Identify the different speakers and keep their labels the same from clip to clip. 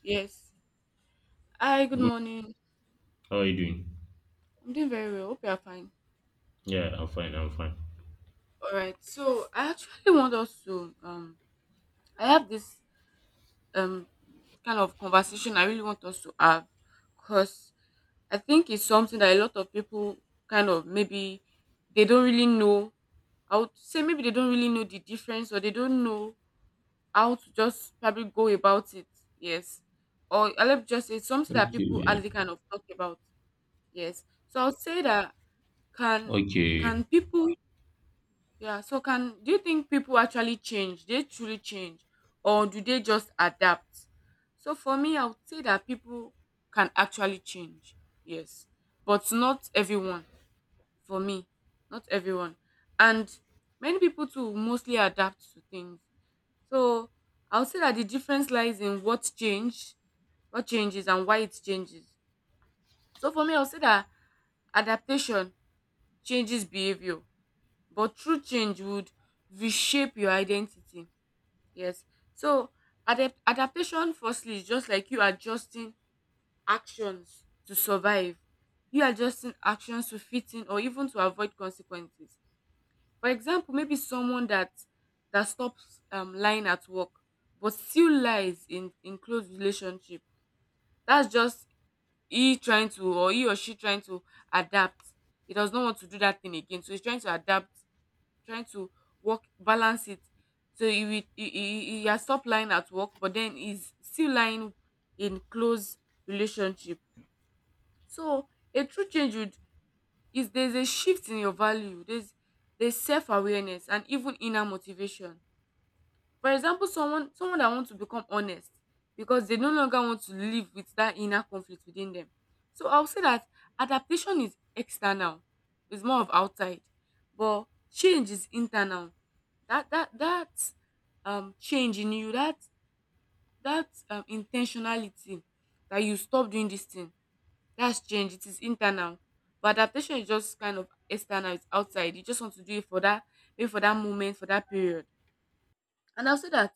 Speaker 1: Yes. Hi, good
Speaker 2: Good.
Speaker 1: morning.
Speaker 2: How are you doing?
Speaker 1: I'm doing very well. Hope you are fine.
Speaker 2: Yeah, I'm fine. I'm fine.
Speaker 1: All right. So I actually want us to I have this um kind of conversation I really want us to have, because I think it's something that a lot of people kind of maybe they don't really know. I would say maybe they don't really know the difference, or they don't know how to just probably go about it. Yes. Or I let me just say it's something that
Speaker 2: Okay.
Speaker 1: people
Speaker 2: Yeah.
Speaker 1: hardly kind of talk about. Yes. So I'll say that, can
Speaker 2: Okay.
Speaker 1: can people yeah, so can do you think people actually change? They truly change, or do they just adapt? So for me, I would say that people can actually change. Yes. But not everyone. For me, not everyone. And many people too mostly adapt to things. So I would say that the difference lies in what changes and why it changes. So for me, I would say that adaptation changes behavior, but true change would reshape your identity. Yes. So adaptation firstly is just like you adjusting actions to survive. You adjusting actions to fit in or even to avoid consequences. For example, maybe someone that stops lying at work but still lies in close relationship. That's just he or she trying to adapt. He does not want to do that thing again, so he's trying to adapt, trying to work balance it, so he will he has stopped lying at work but then he's still lying in close relationship. So a true change would is, there's a shift in your value, there's self-awareness and even inner motivation. For example, someone that wants to become honest because they no longer want to live with that inner conflict within them. So I'll say that adaptation is external, it's more of outside, but change is internal. That change in you, that intentionality, that you stop doing this thing, that's change, it is internal. But adaptation is just kind of external, it's outside, you just want to do it for that, maybe for that moment, for that period. And I'll say that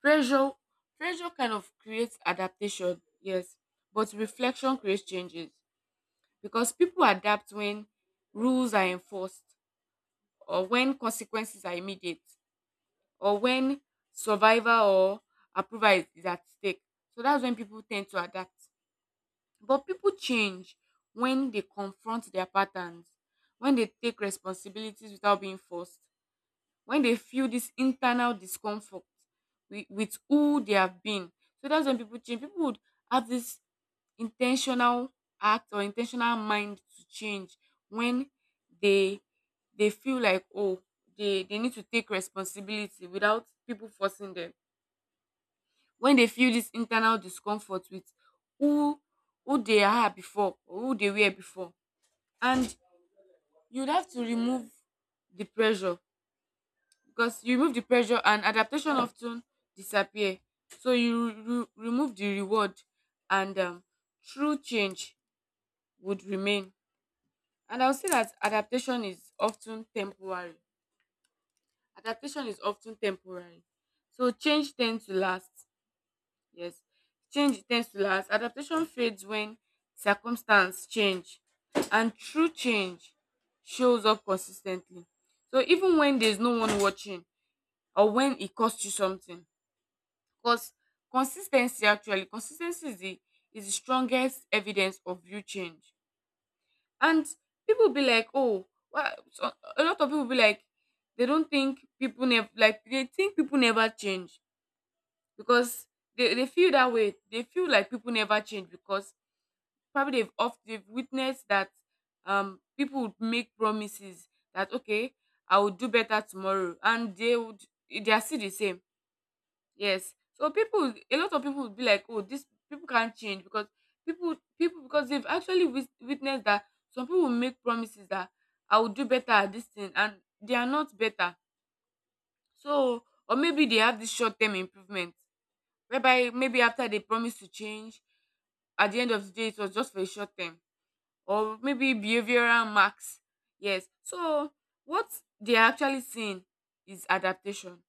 Speaker 1: pressure pressure kind of creates adaptation, yes, but reflection creates changes. Because people adapt when rules are enforced, or when consequences are immediate, or when survival or approval is at stake. So that's when people tend to adapt. But people change when they confront their patterns, when they take responsibilities without being forced, when they feel this internal discomfort with who they have been. So that's when people change. People would have this intentional act or intentional mind to change, when they feel like, oh, they need to take responsibility without people forcing them, when they feel this internal discomfort with who who they are before, or who they were before. And you'd have to remove the pressure, because you remove the pressure and adaptation often disappear. So you remove the reward, and true change would remain. And I'll say that adaptation is often temporary. Adaptation is often temporary. So change tends to last. Yes. Change tends to last. Adaptation fades when circumstance change. And true change shows up consistently, so even when there's no one watching or when it costs you something. Because consistency is the strongest evidence of real change. And people be like, oh, why? So a lot of people be like, they think people never change because they feel that way. They feel like people never change because probably they've oft they've witnessed that people would make promises that, okay, I will do better tomorrow, and they are still the same. Yes. So people, a lot of people would be like, oh, this people can't change because people, people because they've actually witnessed that some people make promises that I will do better at this thing, and they are not better. So, or maybe they have this short-term improvement, whereby maybe after they promise to change, at the end of the day, it was just for a short term, or maybe behavioral marks. Yes. So what they are actually seeing is adaptation,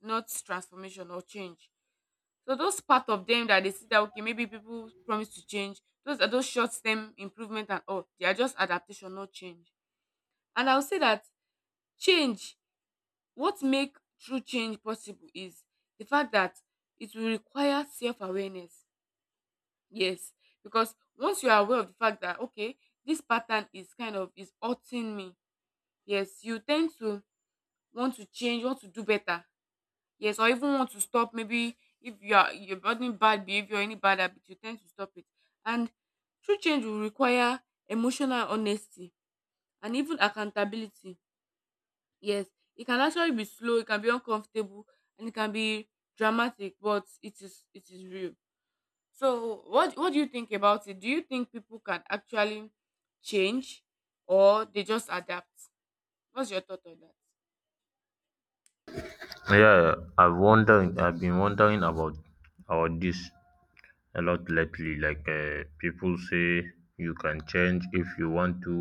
Speaker 1: not transformation or change. So those part of them that they see that, okay, maybe people promise to change, those are those short term improvement and all. They are just adaptation, not change. And I'll say that change, what make true change possible is the fact that it will require self awareness. Yes. Because once you are aware of the fact that, okay, this pattern is kind of is hurting me. Yes, you tend to want to change, want to do better. Yes, or even want to stop. Maybe if you're building bad behavior, any bad habit, you tend to stop it. And true change will require emotional honesty and even accountability. Yes, it can actually be slow, it can be uncomfortable, and it can be dramatic, but it is real. So, what do you think about it? Do you think people can actually change, or they just adapt? What's your thought on that?
Speaker 2: I've been wondering about this a lot lately. Like people say you can change if you want to,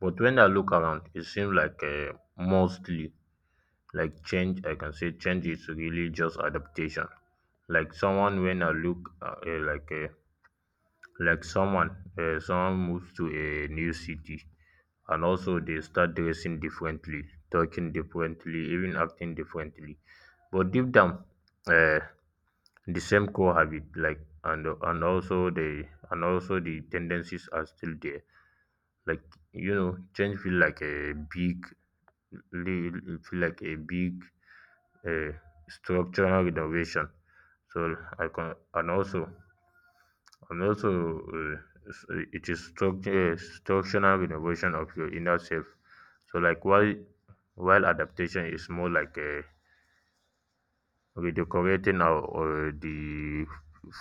Speaker 2: but when I look around, it seems like mostly like change. I can say change is really just adaptation. Like someone when I look like someone someone moves to a new city, and also they start dressing differently, talking differently, even acting differently, but deep down, uh, the same core habit, like and also the tendencies are still there. Like you know, change feel like a big, uh, structural renovation. So I can and also And also, s- It is structural renovation of your inner self. So, while while adaptation is more like redecorating our or the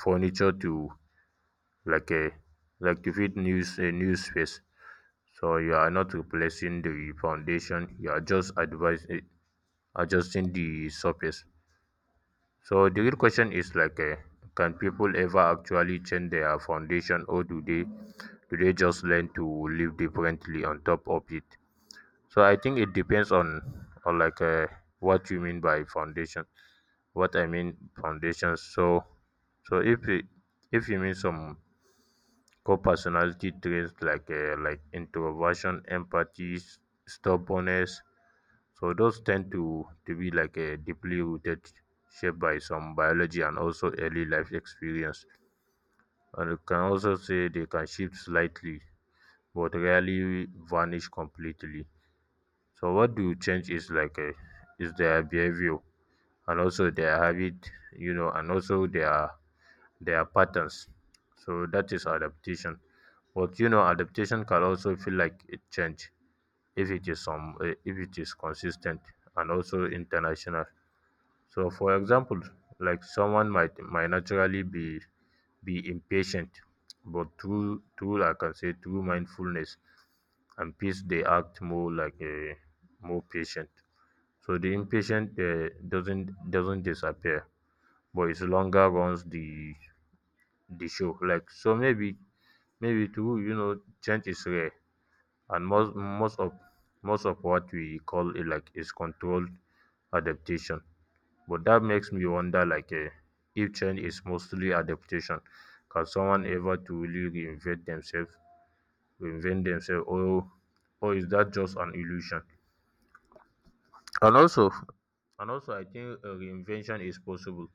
Speaker 2: furniture to like a like to fit a new space. So you are not replacing the foundation. You are just advising, adjusting the surface. So the real question is like, can people ever actually change their foundation, or do they just learn to live differently on top of it? So I think it depends on like what you mean by foundation. What I mean foundations. So, so if it, if you mean some core personality traits, like introversion, empathy, stubbornness. So those tend to be like a deeply rooted, shaped by some biology and also early life experience. And you can also say they can shift slightly, but rarely vanish completely. So what do change is is their behavior and also their habit, you know, and also their patterns. So that is adaptation. But you know, adaptation can also feel like a change if it is some if it is consistent and also international. So for example, like someone might naturally be impatient, but through I can say through mindfulness and peace, they act more like a more patient. So the impatient doesn't disappear, but it's longer runs the show. Like, so maybe, maybe to you know, change is rare, and most of what we call it like is controlled adaptation. But that makes me wonder, like if change is mostly adaptation, can someone ever truly reinvent themselves, or is that just an illusion? And also and also I think reinvention is possible,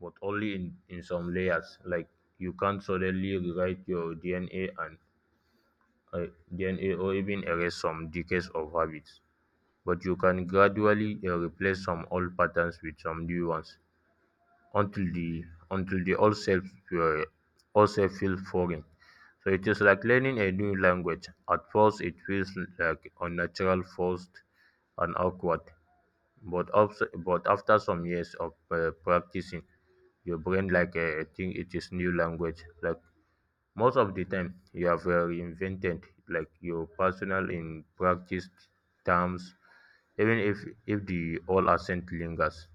Speaker 2: but only in some layers. Like you can't suddenly rewrite your DNA or even erase some decades of habits, but you can gradually replace some old patterns with some new ones until the old self, uh, old self feels foreign. So it is like learning a new language. At first, it feels like unnatural, forced, and awkward. But also, but after some years of practicing, your brain like think it is new language, like most of the time, you have reinvented like your personal in practice terms, even if the old accent lingers.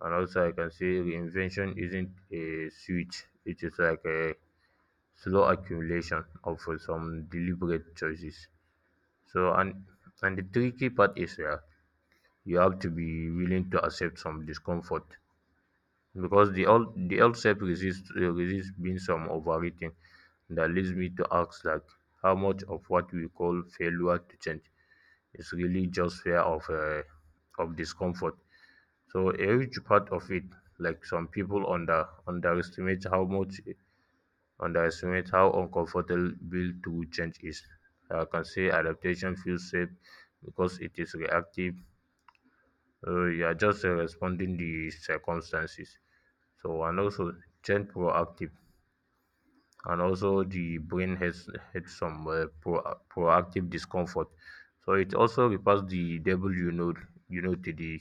Speaker 2: And also, I can say reinvention isn't a switch; it is like a slow accumulation of some deliberate choices. So, and and the tricky part is you have to be willing to accept some discomfort, because the old self resist being some overrating. That leads me to ask, like, how much of what we call failure to change is really just fear of discomfort. So a huge part of it, like some people underestimate how much underestimate how uncomfortable to change is. I can say adaptation feels safe because it is reactive. You are just responding the circumstances. So and also change proactive, and also the brain has had some proactive discomfort. So it also refers the devil you know, to the,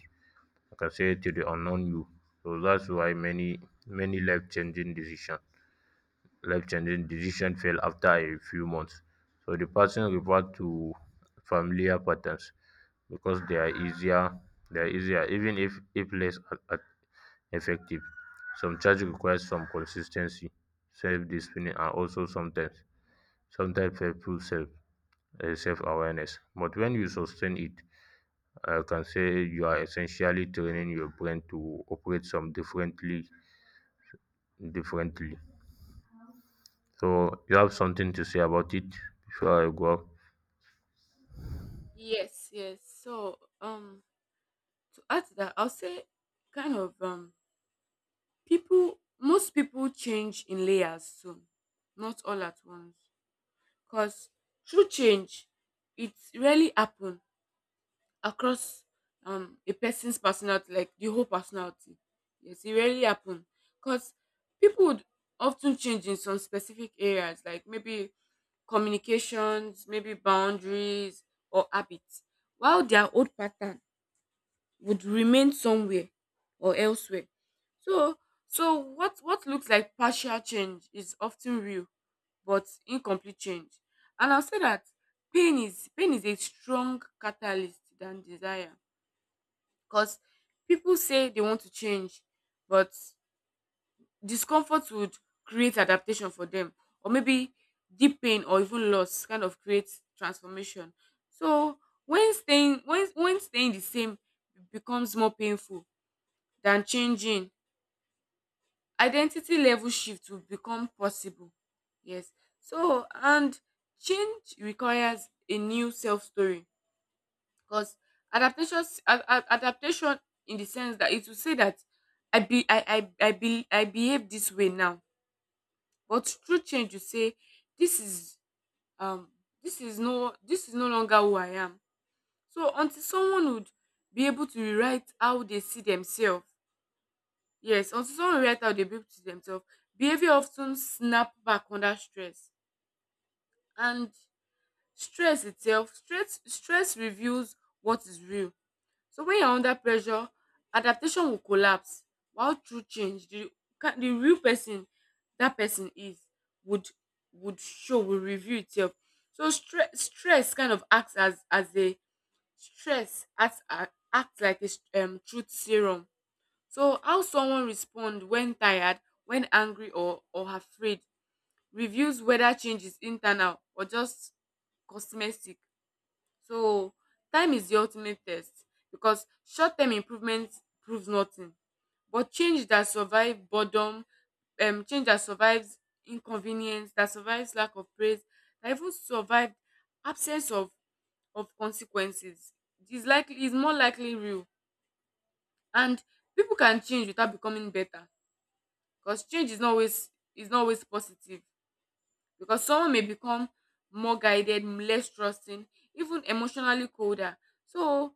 Speaker 2: like I say, to the unknown you. So that's why many many life changing decision life-changing decision fell after a few months. So the person referred to familiar patterns because they are easier, even if less effective. Some charge requires some consistency, self-discipline, and also sometimes helpful self-awareness. But when you sustain it, I can say you are essentially training your brain to operate some differently. So you have something to say about it before I go up?
Speaker 1: Yes, yes. So, to add to that, I'll say kind of people most people change in layers soon, not all at once. Because true change it rarely happen across a person's personality, like the whole personality. Yes, it rarely happen. Because people would often change in some specific areas, like maybe communications, maybe boundaries or habits, while their old pattern would remain somewhere or elsewhere. So so what looks like partial change is often real but incomplete change. And I'll say that pain is a strong catalyst than desire. Because people say they want to change, but discomfort would create adaptation for them. Or maybe deep pain or even loss kind of creates transformation. So when staying the same becomes more painful than changing, identity level shift will become possible. Yes. And change requires a new self story, because adaptation, in the sense that it will say that I be I be I behave this way now. But true change you say this is, um this is no longer who I am. So until someone would be able to rewrite how they see themselves. Yes, until someone react out they beep to themselves. Behavior often snap back under stress. And stress itself, stress stress reveals what is real. So when you're under pressure, adaptation will collapse. While true change, the real person that person is would will reveal itself. So stress kind of acts as a stress acts a- acts like a truth serum. So how someone responds when tired, when angry, or afraid reveals whether change is internal or just cosmetic. So, time is the ultimate test, because short term improvement proves nothing, but change that survives boredom, change that survives inconvenience, that survives lack of praise, that even survived absence of consequences is likely is more likely real. And people can change without becoming better, because change is not always positive, because someone may become more guided, less trusting, even emotionally colder. So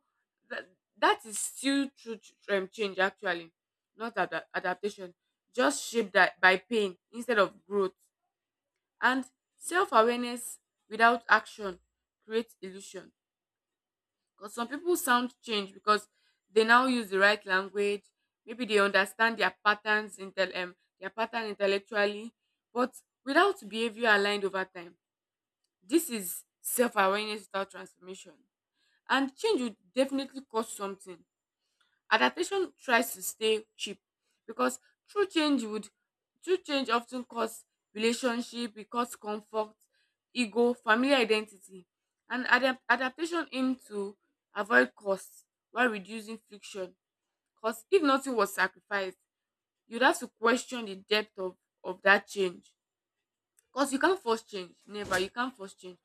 Speaker 1: that is still true to, change actually, not adaptation, just shaped that by pain instead of growth. And self-awareness without action creates illusion, because some people sound change because they now use the right language. Maybe they understand their pattern intellectually, but without behavior aligned over time. This is self awareness without transformation. And change will definitely cost something. Adaptation tries to stay cheap, because true change would true change often costs relationship, it costs comfort, ego, family identity, and adaptation aim to avoid costs while reducing friction. Because if nothing was sacrificed, you'd have to question the depth of that change. Because you can't force change, never. You can't force change.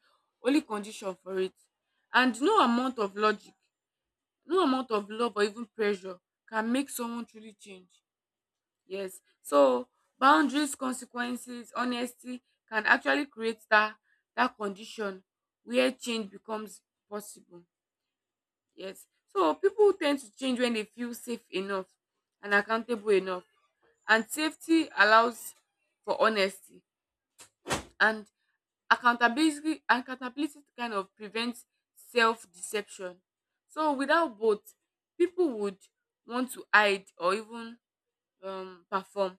Speaker 1: Only condition for it, and no amount of logic, no amount of love or even pressure can make someone truly change. Yes. So boundaries, consequences, honesty can actually create that condition where change becomes possible. Yes. So people tend to change when they feel safe enough and accountable enough. And safety allows for honesty. And accountability kind of prevents self deception. So without both, people would want to hide or even perform.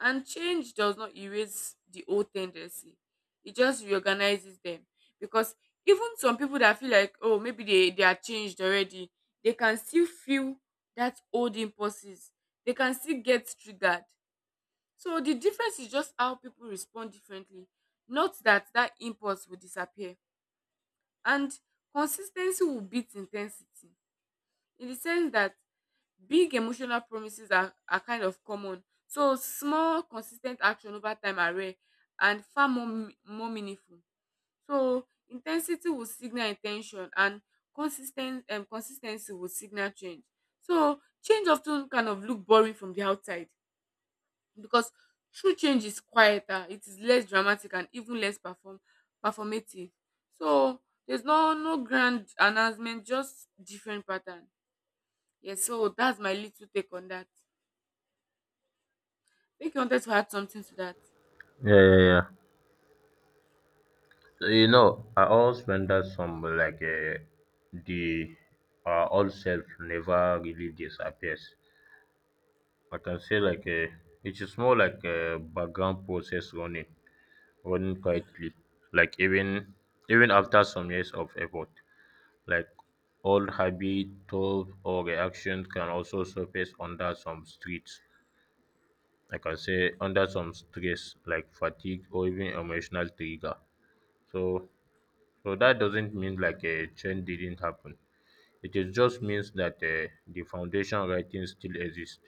Speaker 1: And change does not erase the old tendency, it just reorganizes them, because even some people that feel like, oh, maybe they are changed already, they can still feel that old impulses, they can still get triggered. So the difference is just how people respond differently. Not that that impulse will disappear, and consistency will beat intensity in the sense that big emotional promises are kind of common. So small consistent action over time are rare and far more meaningful. So intensity will signal intention, and consistent consistency will signal change. So change often kind of look boring from the outside, because true change is quieter, it is less dramatic, and even less perform performative. So there's no grand announcement, just different pattern. Yes, so that's my little take on that. I think you wanted to add something to that.
Speaker 2: Yeah, yeah, yeah. So, you know, I always wonder some, like the old self never really disappears. I can say like it is more like a background process running, running quietly. Like even after some years of effort, like old habit, thought, or reactions can also surface under some streets, I can say under some stress like fatigue or even emotional trigger. So that doesn't mean like a change didn't happen. It is just means that the foundation writing still exists.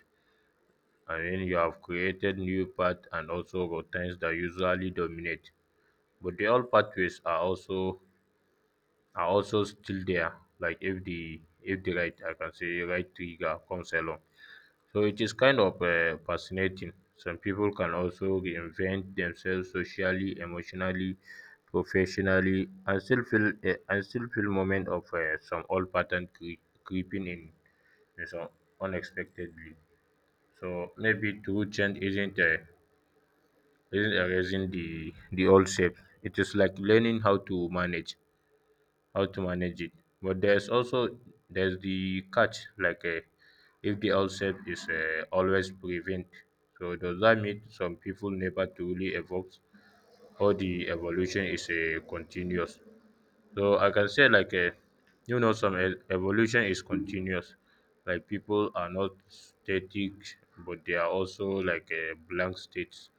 Speaker 2: I mean, you have created new paths and also routines that usually dominate. But the old pathways are also, are also still there. Like if the right, I can say right trigger comes along. So it is kind of fascinating. Some people can also reinvent themselves socially, emotionally, professionally, and still feel moment of some old pattern creeping in some unexpectedly. So maybe true change isn't erasing the old shapes. It is like learning how to manage, how to manage it. But there's also, there's the catch, like if the outset is always prevent. So does that mean some people never truly evolve, or the evolution is continuous? So I can say like a, you know, some evolution is continuous. Like people are not static, but they are also like a blank states.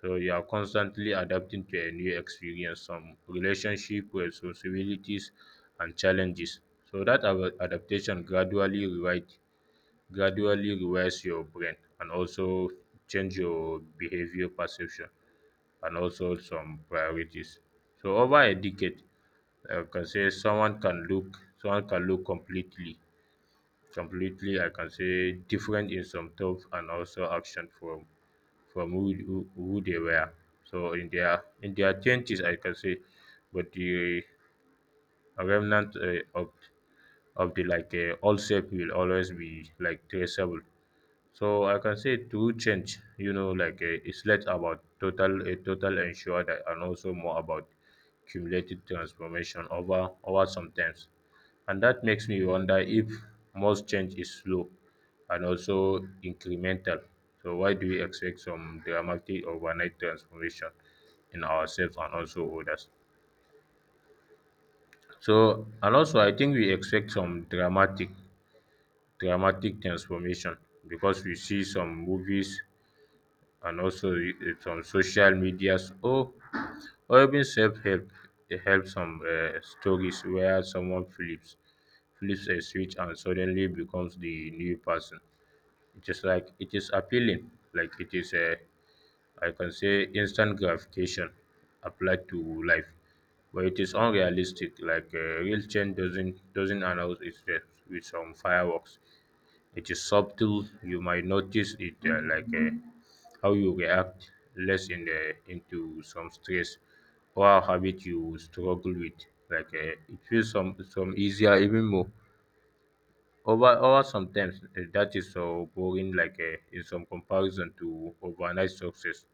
Speaker 2: So you are constantly adapting to a new experience, some relationship, responsibilities, and challenges. So that adaptation gradually rewires your brain, and also change your behavior perception, and also some priorities. So over a decade, I can say someone can look completely, I can say, different in some thoughts and also action from who who they were. So in their twenties, I can say, but the remnant of the, like old self will always be like traceable. So I can say true change, you know, like it's less about total ensure that, and also more about cumulative transformation over sometimes. And that makes me wonder if most change is slow and also incremental. So why do we expect some dramatic overnight transformation in ourselves and also others? So and also I think we expect some dramatic transformation because we see some movies and also some social medias, or even self-help help some stories where someone flips a switch and suddenly becomes the new person. It is like, it is appealing, like it is a, I can say, instant gratification applied to life. But it is unrealistic, like real change doesn't announce itself with some fireworks. It is subtle. You might notice it, how you react less in the into some stress, or a habit you struggle with, like it feels some easier, even more over sometimes. That is so boring, like in some comparison to overnight success,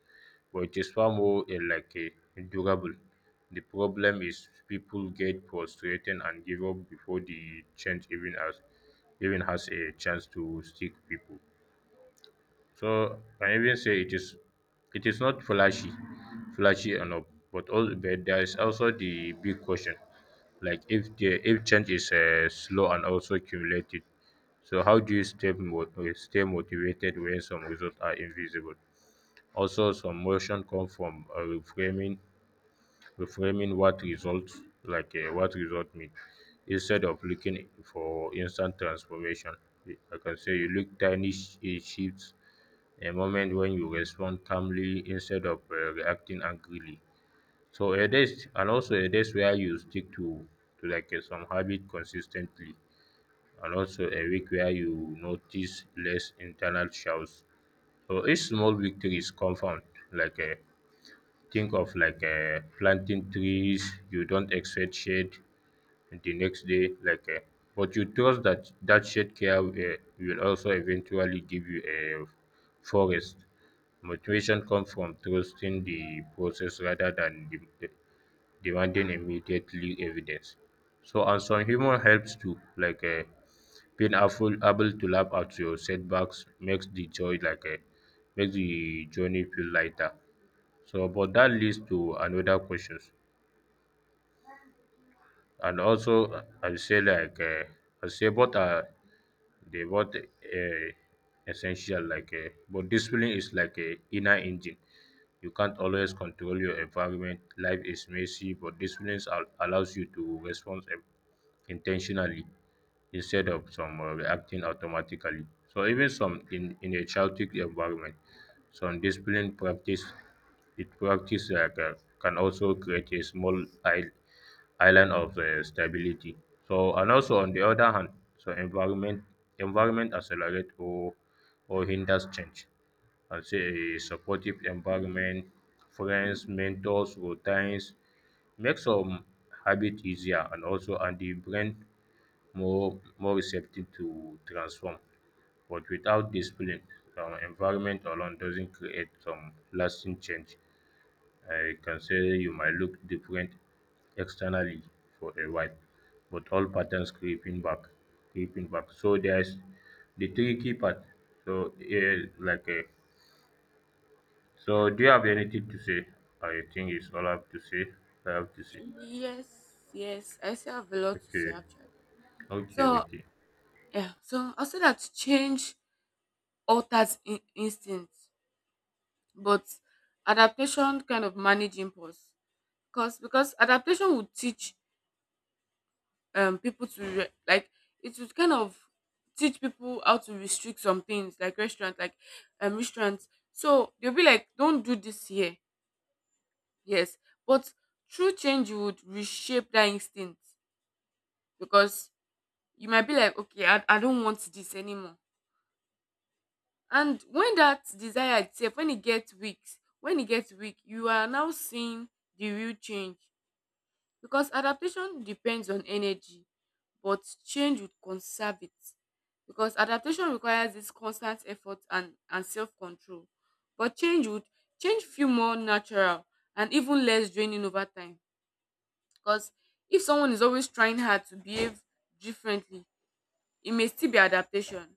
Speaker 2: but it is far more, durable. The problem is people get frustrated and give up before the change even has a chance to stick people. So I even say it is, it is not flashy, flashy enough, but all, but there is also the big question, like if the, if change is slow and also cumulative. So how do you stay stay motivated when some results are invisible? Also, some motion come from reframing what results, like what result mean, instead of looking for instant transformation. I can say you look tiny shifts, a moment when you respond calmly instead of reacting angrily. So a days, and also a days where you stick to like some habit consistently, and also a week where you notice less internal shouts. So each small victory is compound, like a. Think of, like planting trees. You don't expect shade the next day, like, but you trust that that shade care will also eventually give you a forest. Motivation comes from trusting the process rather than demanding immediately evidence. So, and some humor helps too, like able to laugh at your setbacks makes the joy like a makes the journey feel lighter. So but that leads to another questions, and also I'll say, like I say both are, they both, essential, like but discipline is like a inner engine. You can't always control your environment. Life is messy, but discipline allows you to respond intentionally, instead of some reacting automatically. So even some in a chaotic environment, some discipline practice, it practice, like, can also create a small island of stability. So and also on the other hand, so environment accelerate or hinders change. I'll say a supportive environment, friends, mentors, routines, make some habit easier, and also and the brain more receptive to transform. But without discipline, our environment alone doesn't create some lasting change. I can say you might look different externally for a while, but all patterns creeping back, creeping back. So there's the tricky part. So yeah, like Do you have anything to say? I think it's all I have to say. I have to say.
Speaker 1: Yes, yes, I still have a lot to say
Speaker 2: Okay,
Speaker 1: actually.
Speaker 2: okay,
Speaker 1: So
Speaker 2: okay.
Speaker 1: yeah, so I said that change alters instinct, but adaptation kind of manage impulse. Because adaptation would teach people to like, it would kind of teach people how to restrict some things, like restaurant, like restaurants, so they'll be like, don't do this here. Yes, but true change would reshape that instinct, because you might be like, okay, I don't want this anymore. And when that desire itself, when it gets weak, you are now seeing the real change. Because adaptation depends on energy, but change would conserve it. Because adaptation requires this constant effort and, self-control, but change feel more natural and even less draining over time. Because if someone is always trying hard to behave differently, it may still be adaptation.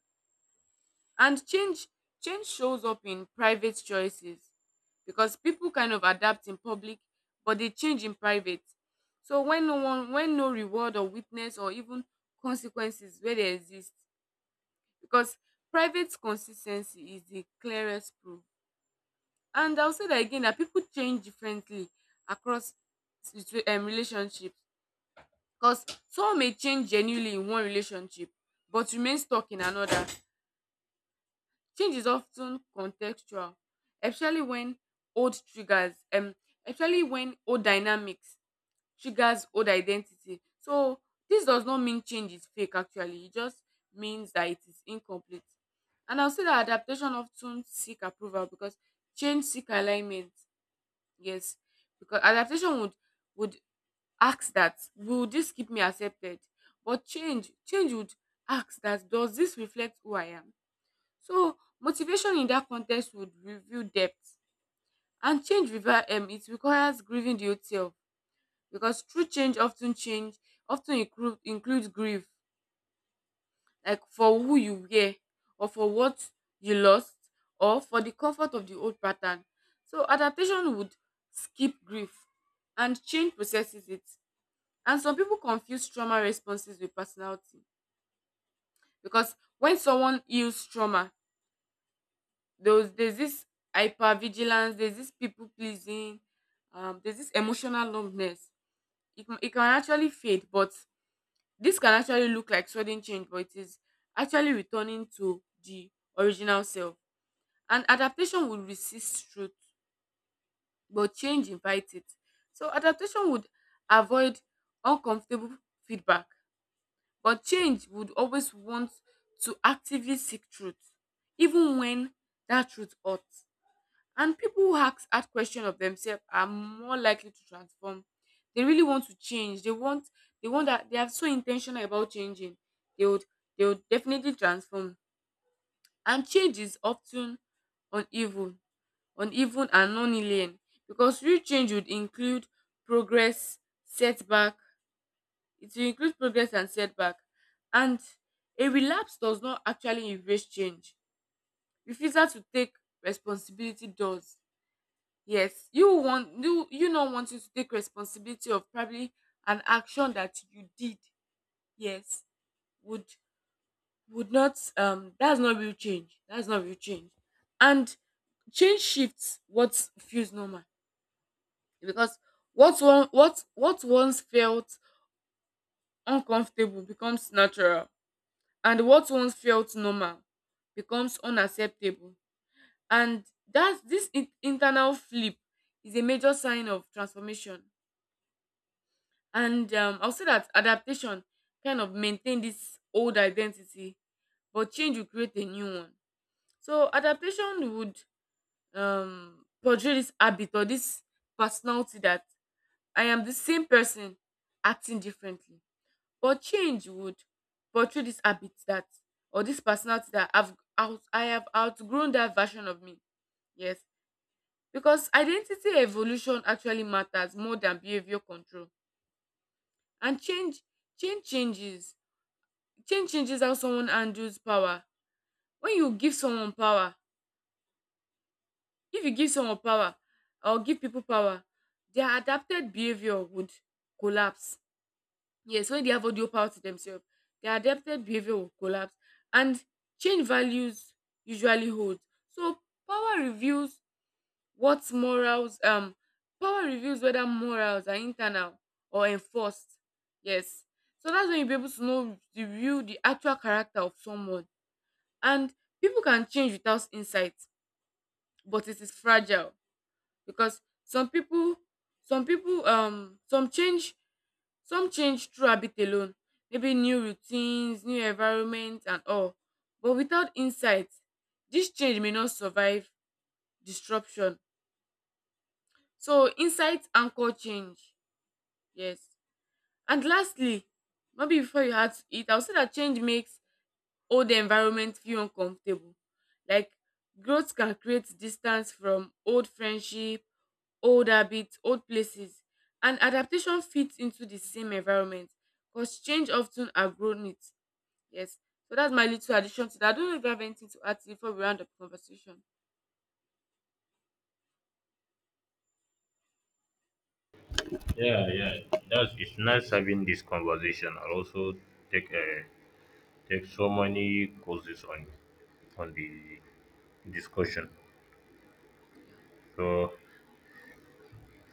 Speaker 1: And change shows up in private choices, because people kind of adapt in public, but they change in private. So when no reward or witness or even consequences where they exist. Because private consistency is the clearest proof. And I will say that again, that people change differently across relationships. Because someone may change genuinely in one relationship but remain stuck in another. Change is often contextual, especially when old triggers especially when old dynamics Sugar's old identity. So this does not mean change is fake actually. It just means that it is incomplete. And I'll say that adaptation often seek approval, because change seek alignment. Yes. Because adaptation would ask that, will this keep me accepted? But change would ask that, does this reflect who I am? So motivation in that context would reveal depth. And it requires grieving the old self. Because true change often includes grief, like for who you were, or for what you lost, or for the comfort of the old pattern. So adaptation would skip grief, and change processes it. And some people confuse trauma responses with personality. Because when someone heals trauma, there's this hypervigilance, there's this people pleasing, there's this emotional numbness. It can actually fade, but this can actually look like sudden change, but it is actually returning to the original self. And adaptation would resist truth, but change invites it. So adaptation would avoid uncomfortable feedback, but change would always want to actively seek truth, even when that truth hurts. And people who ask hard question of themselves are more likely to transform. They really want to change. They want that they are so intentional about changing. They would, they would definitely transform. And change is often uneven, uneven and non-linear, because real change would include progress, setback. It will include progress and setback. And a relapse does not actually erase change. Refusal to take responsibility does. Yes, you not wanting to take responsibility of probably an action that you did. Yes, would would not that's not real change. That's not real change. And change shifts what feels normal, because what one what once felt uncomfortable becomes natural, and what once felt normal becomes unacceptable. And that's, this internal flip is a major sign of transformation. And I'll say that adaptation kind of maintain this old identity, but change will create a new one. So adaptation would portray this habit or this personality that I am the same person acting differently. But change would portray this habit that, or this personality that I have outgrown that version of me. Yes. Because identity evolution actually matters more than behavior control. And change changes change changes how someone handles power. When you give someone power, if you give someone power or give people power, their adapted behavior would collapse. Yes, when they have audio power to themselves, their adapted behavior will collapse. And change values usually hold. So power reveals what morals um power reveals whether morals are internal or enforced. Yes. So that's when you'll be able to know the real the actual character of someone. And people can change without insight, but it is fragile. Because some people, some change through habit alone, maybe new routines, new environment, and all. But without insight, this change may not survive disruption. So insight anchor change. Yes. And lastly, maybe before you had to eat, I'll say that change makes or the environment feel uncomfortable. Like growth can create distance from old friendship, old habits, old places, and adaptation fits into the same environment because change often outgrown it. Yes. So that's my little addition to that. I don't know if you have anything to add before we round up the conversation.
Speaker 2: Yeah, yeah. That's It's nice having this conversation. I also take take so many courses on the discussion.
Speaker 1: Yeah.
Speaker 2: So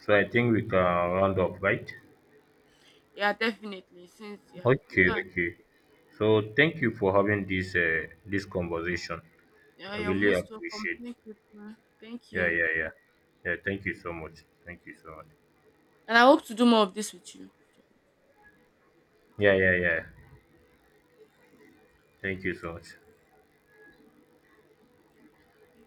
Speaker 2: I think we can round up, right?
Speaker 1: Yeah, definitely. Since yeah, we
Speaker 2: Okay,
Speaker 1: can.
Speaker 2: okay. So thank you for having this this conversation.
Speaker 1: Yeah,
Speaker 2: I
Speaker 1: you're
Speaker 2: really
Speaker 1: most welcome.
Speaker 2: appreciate.
Speaker 1: Thank you. Thank
Speaker 2: Yeah,
Speaker 1: you.
Speaker 2: yeah, yeah. Yeah, thank you so much. Thank you so much.
Speaker 1: And I hope to do more of this with you.
Speaker 2: Yeah, yeah, yeah. Thank you so much.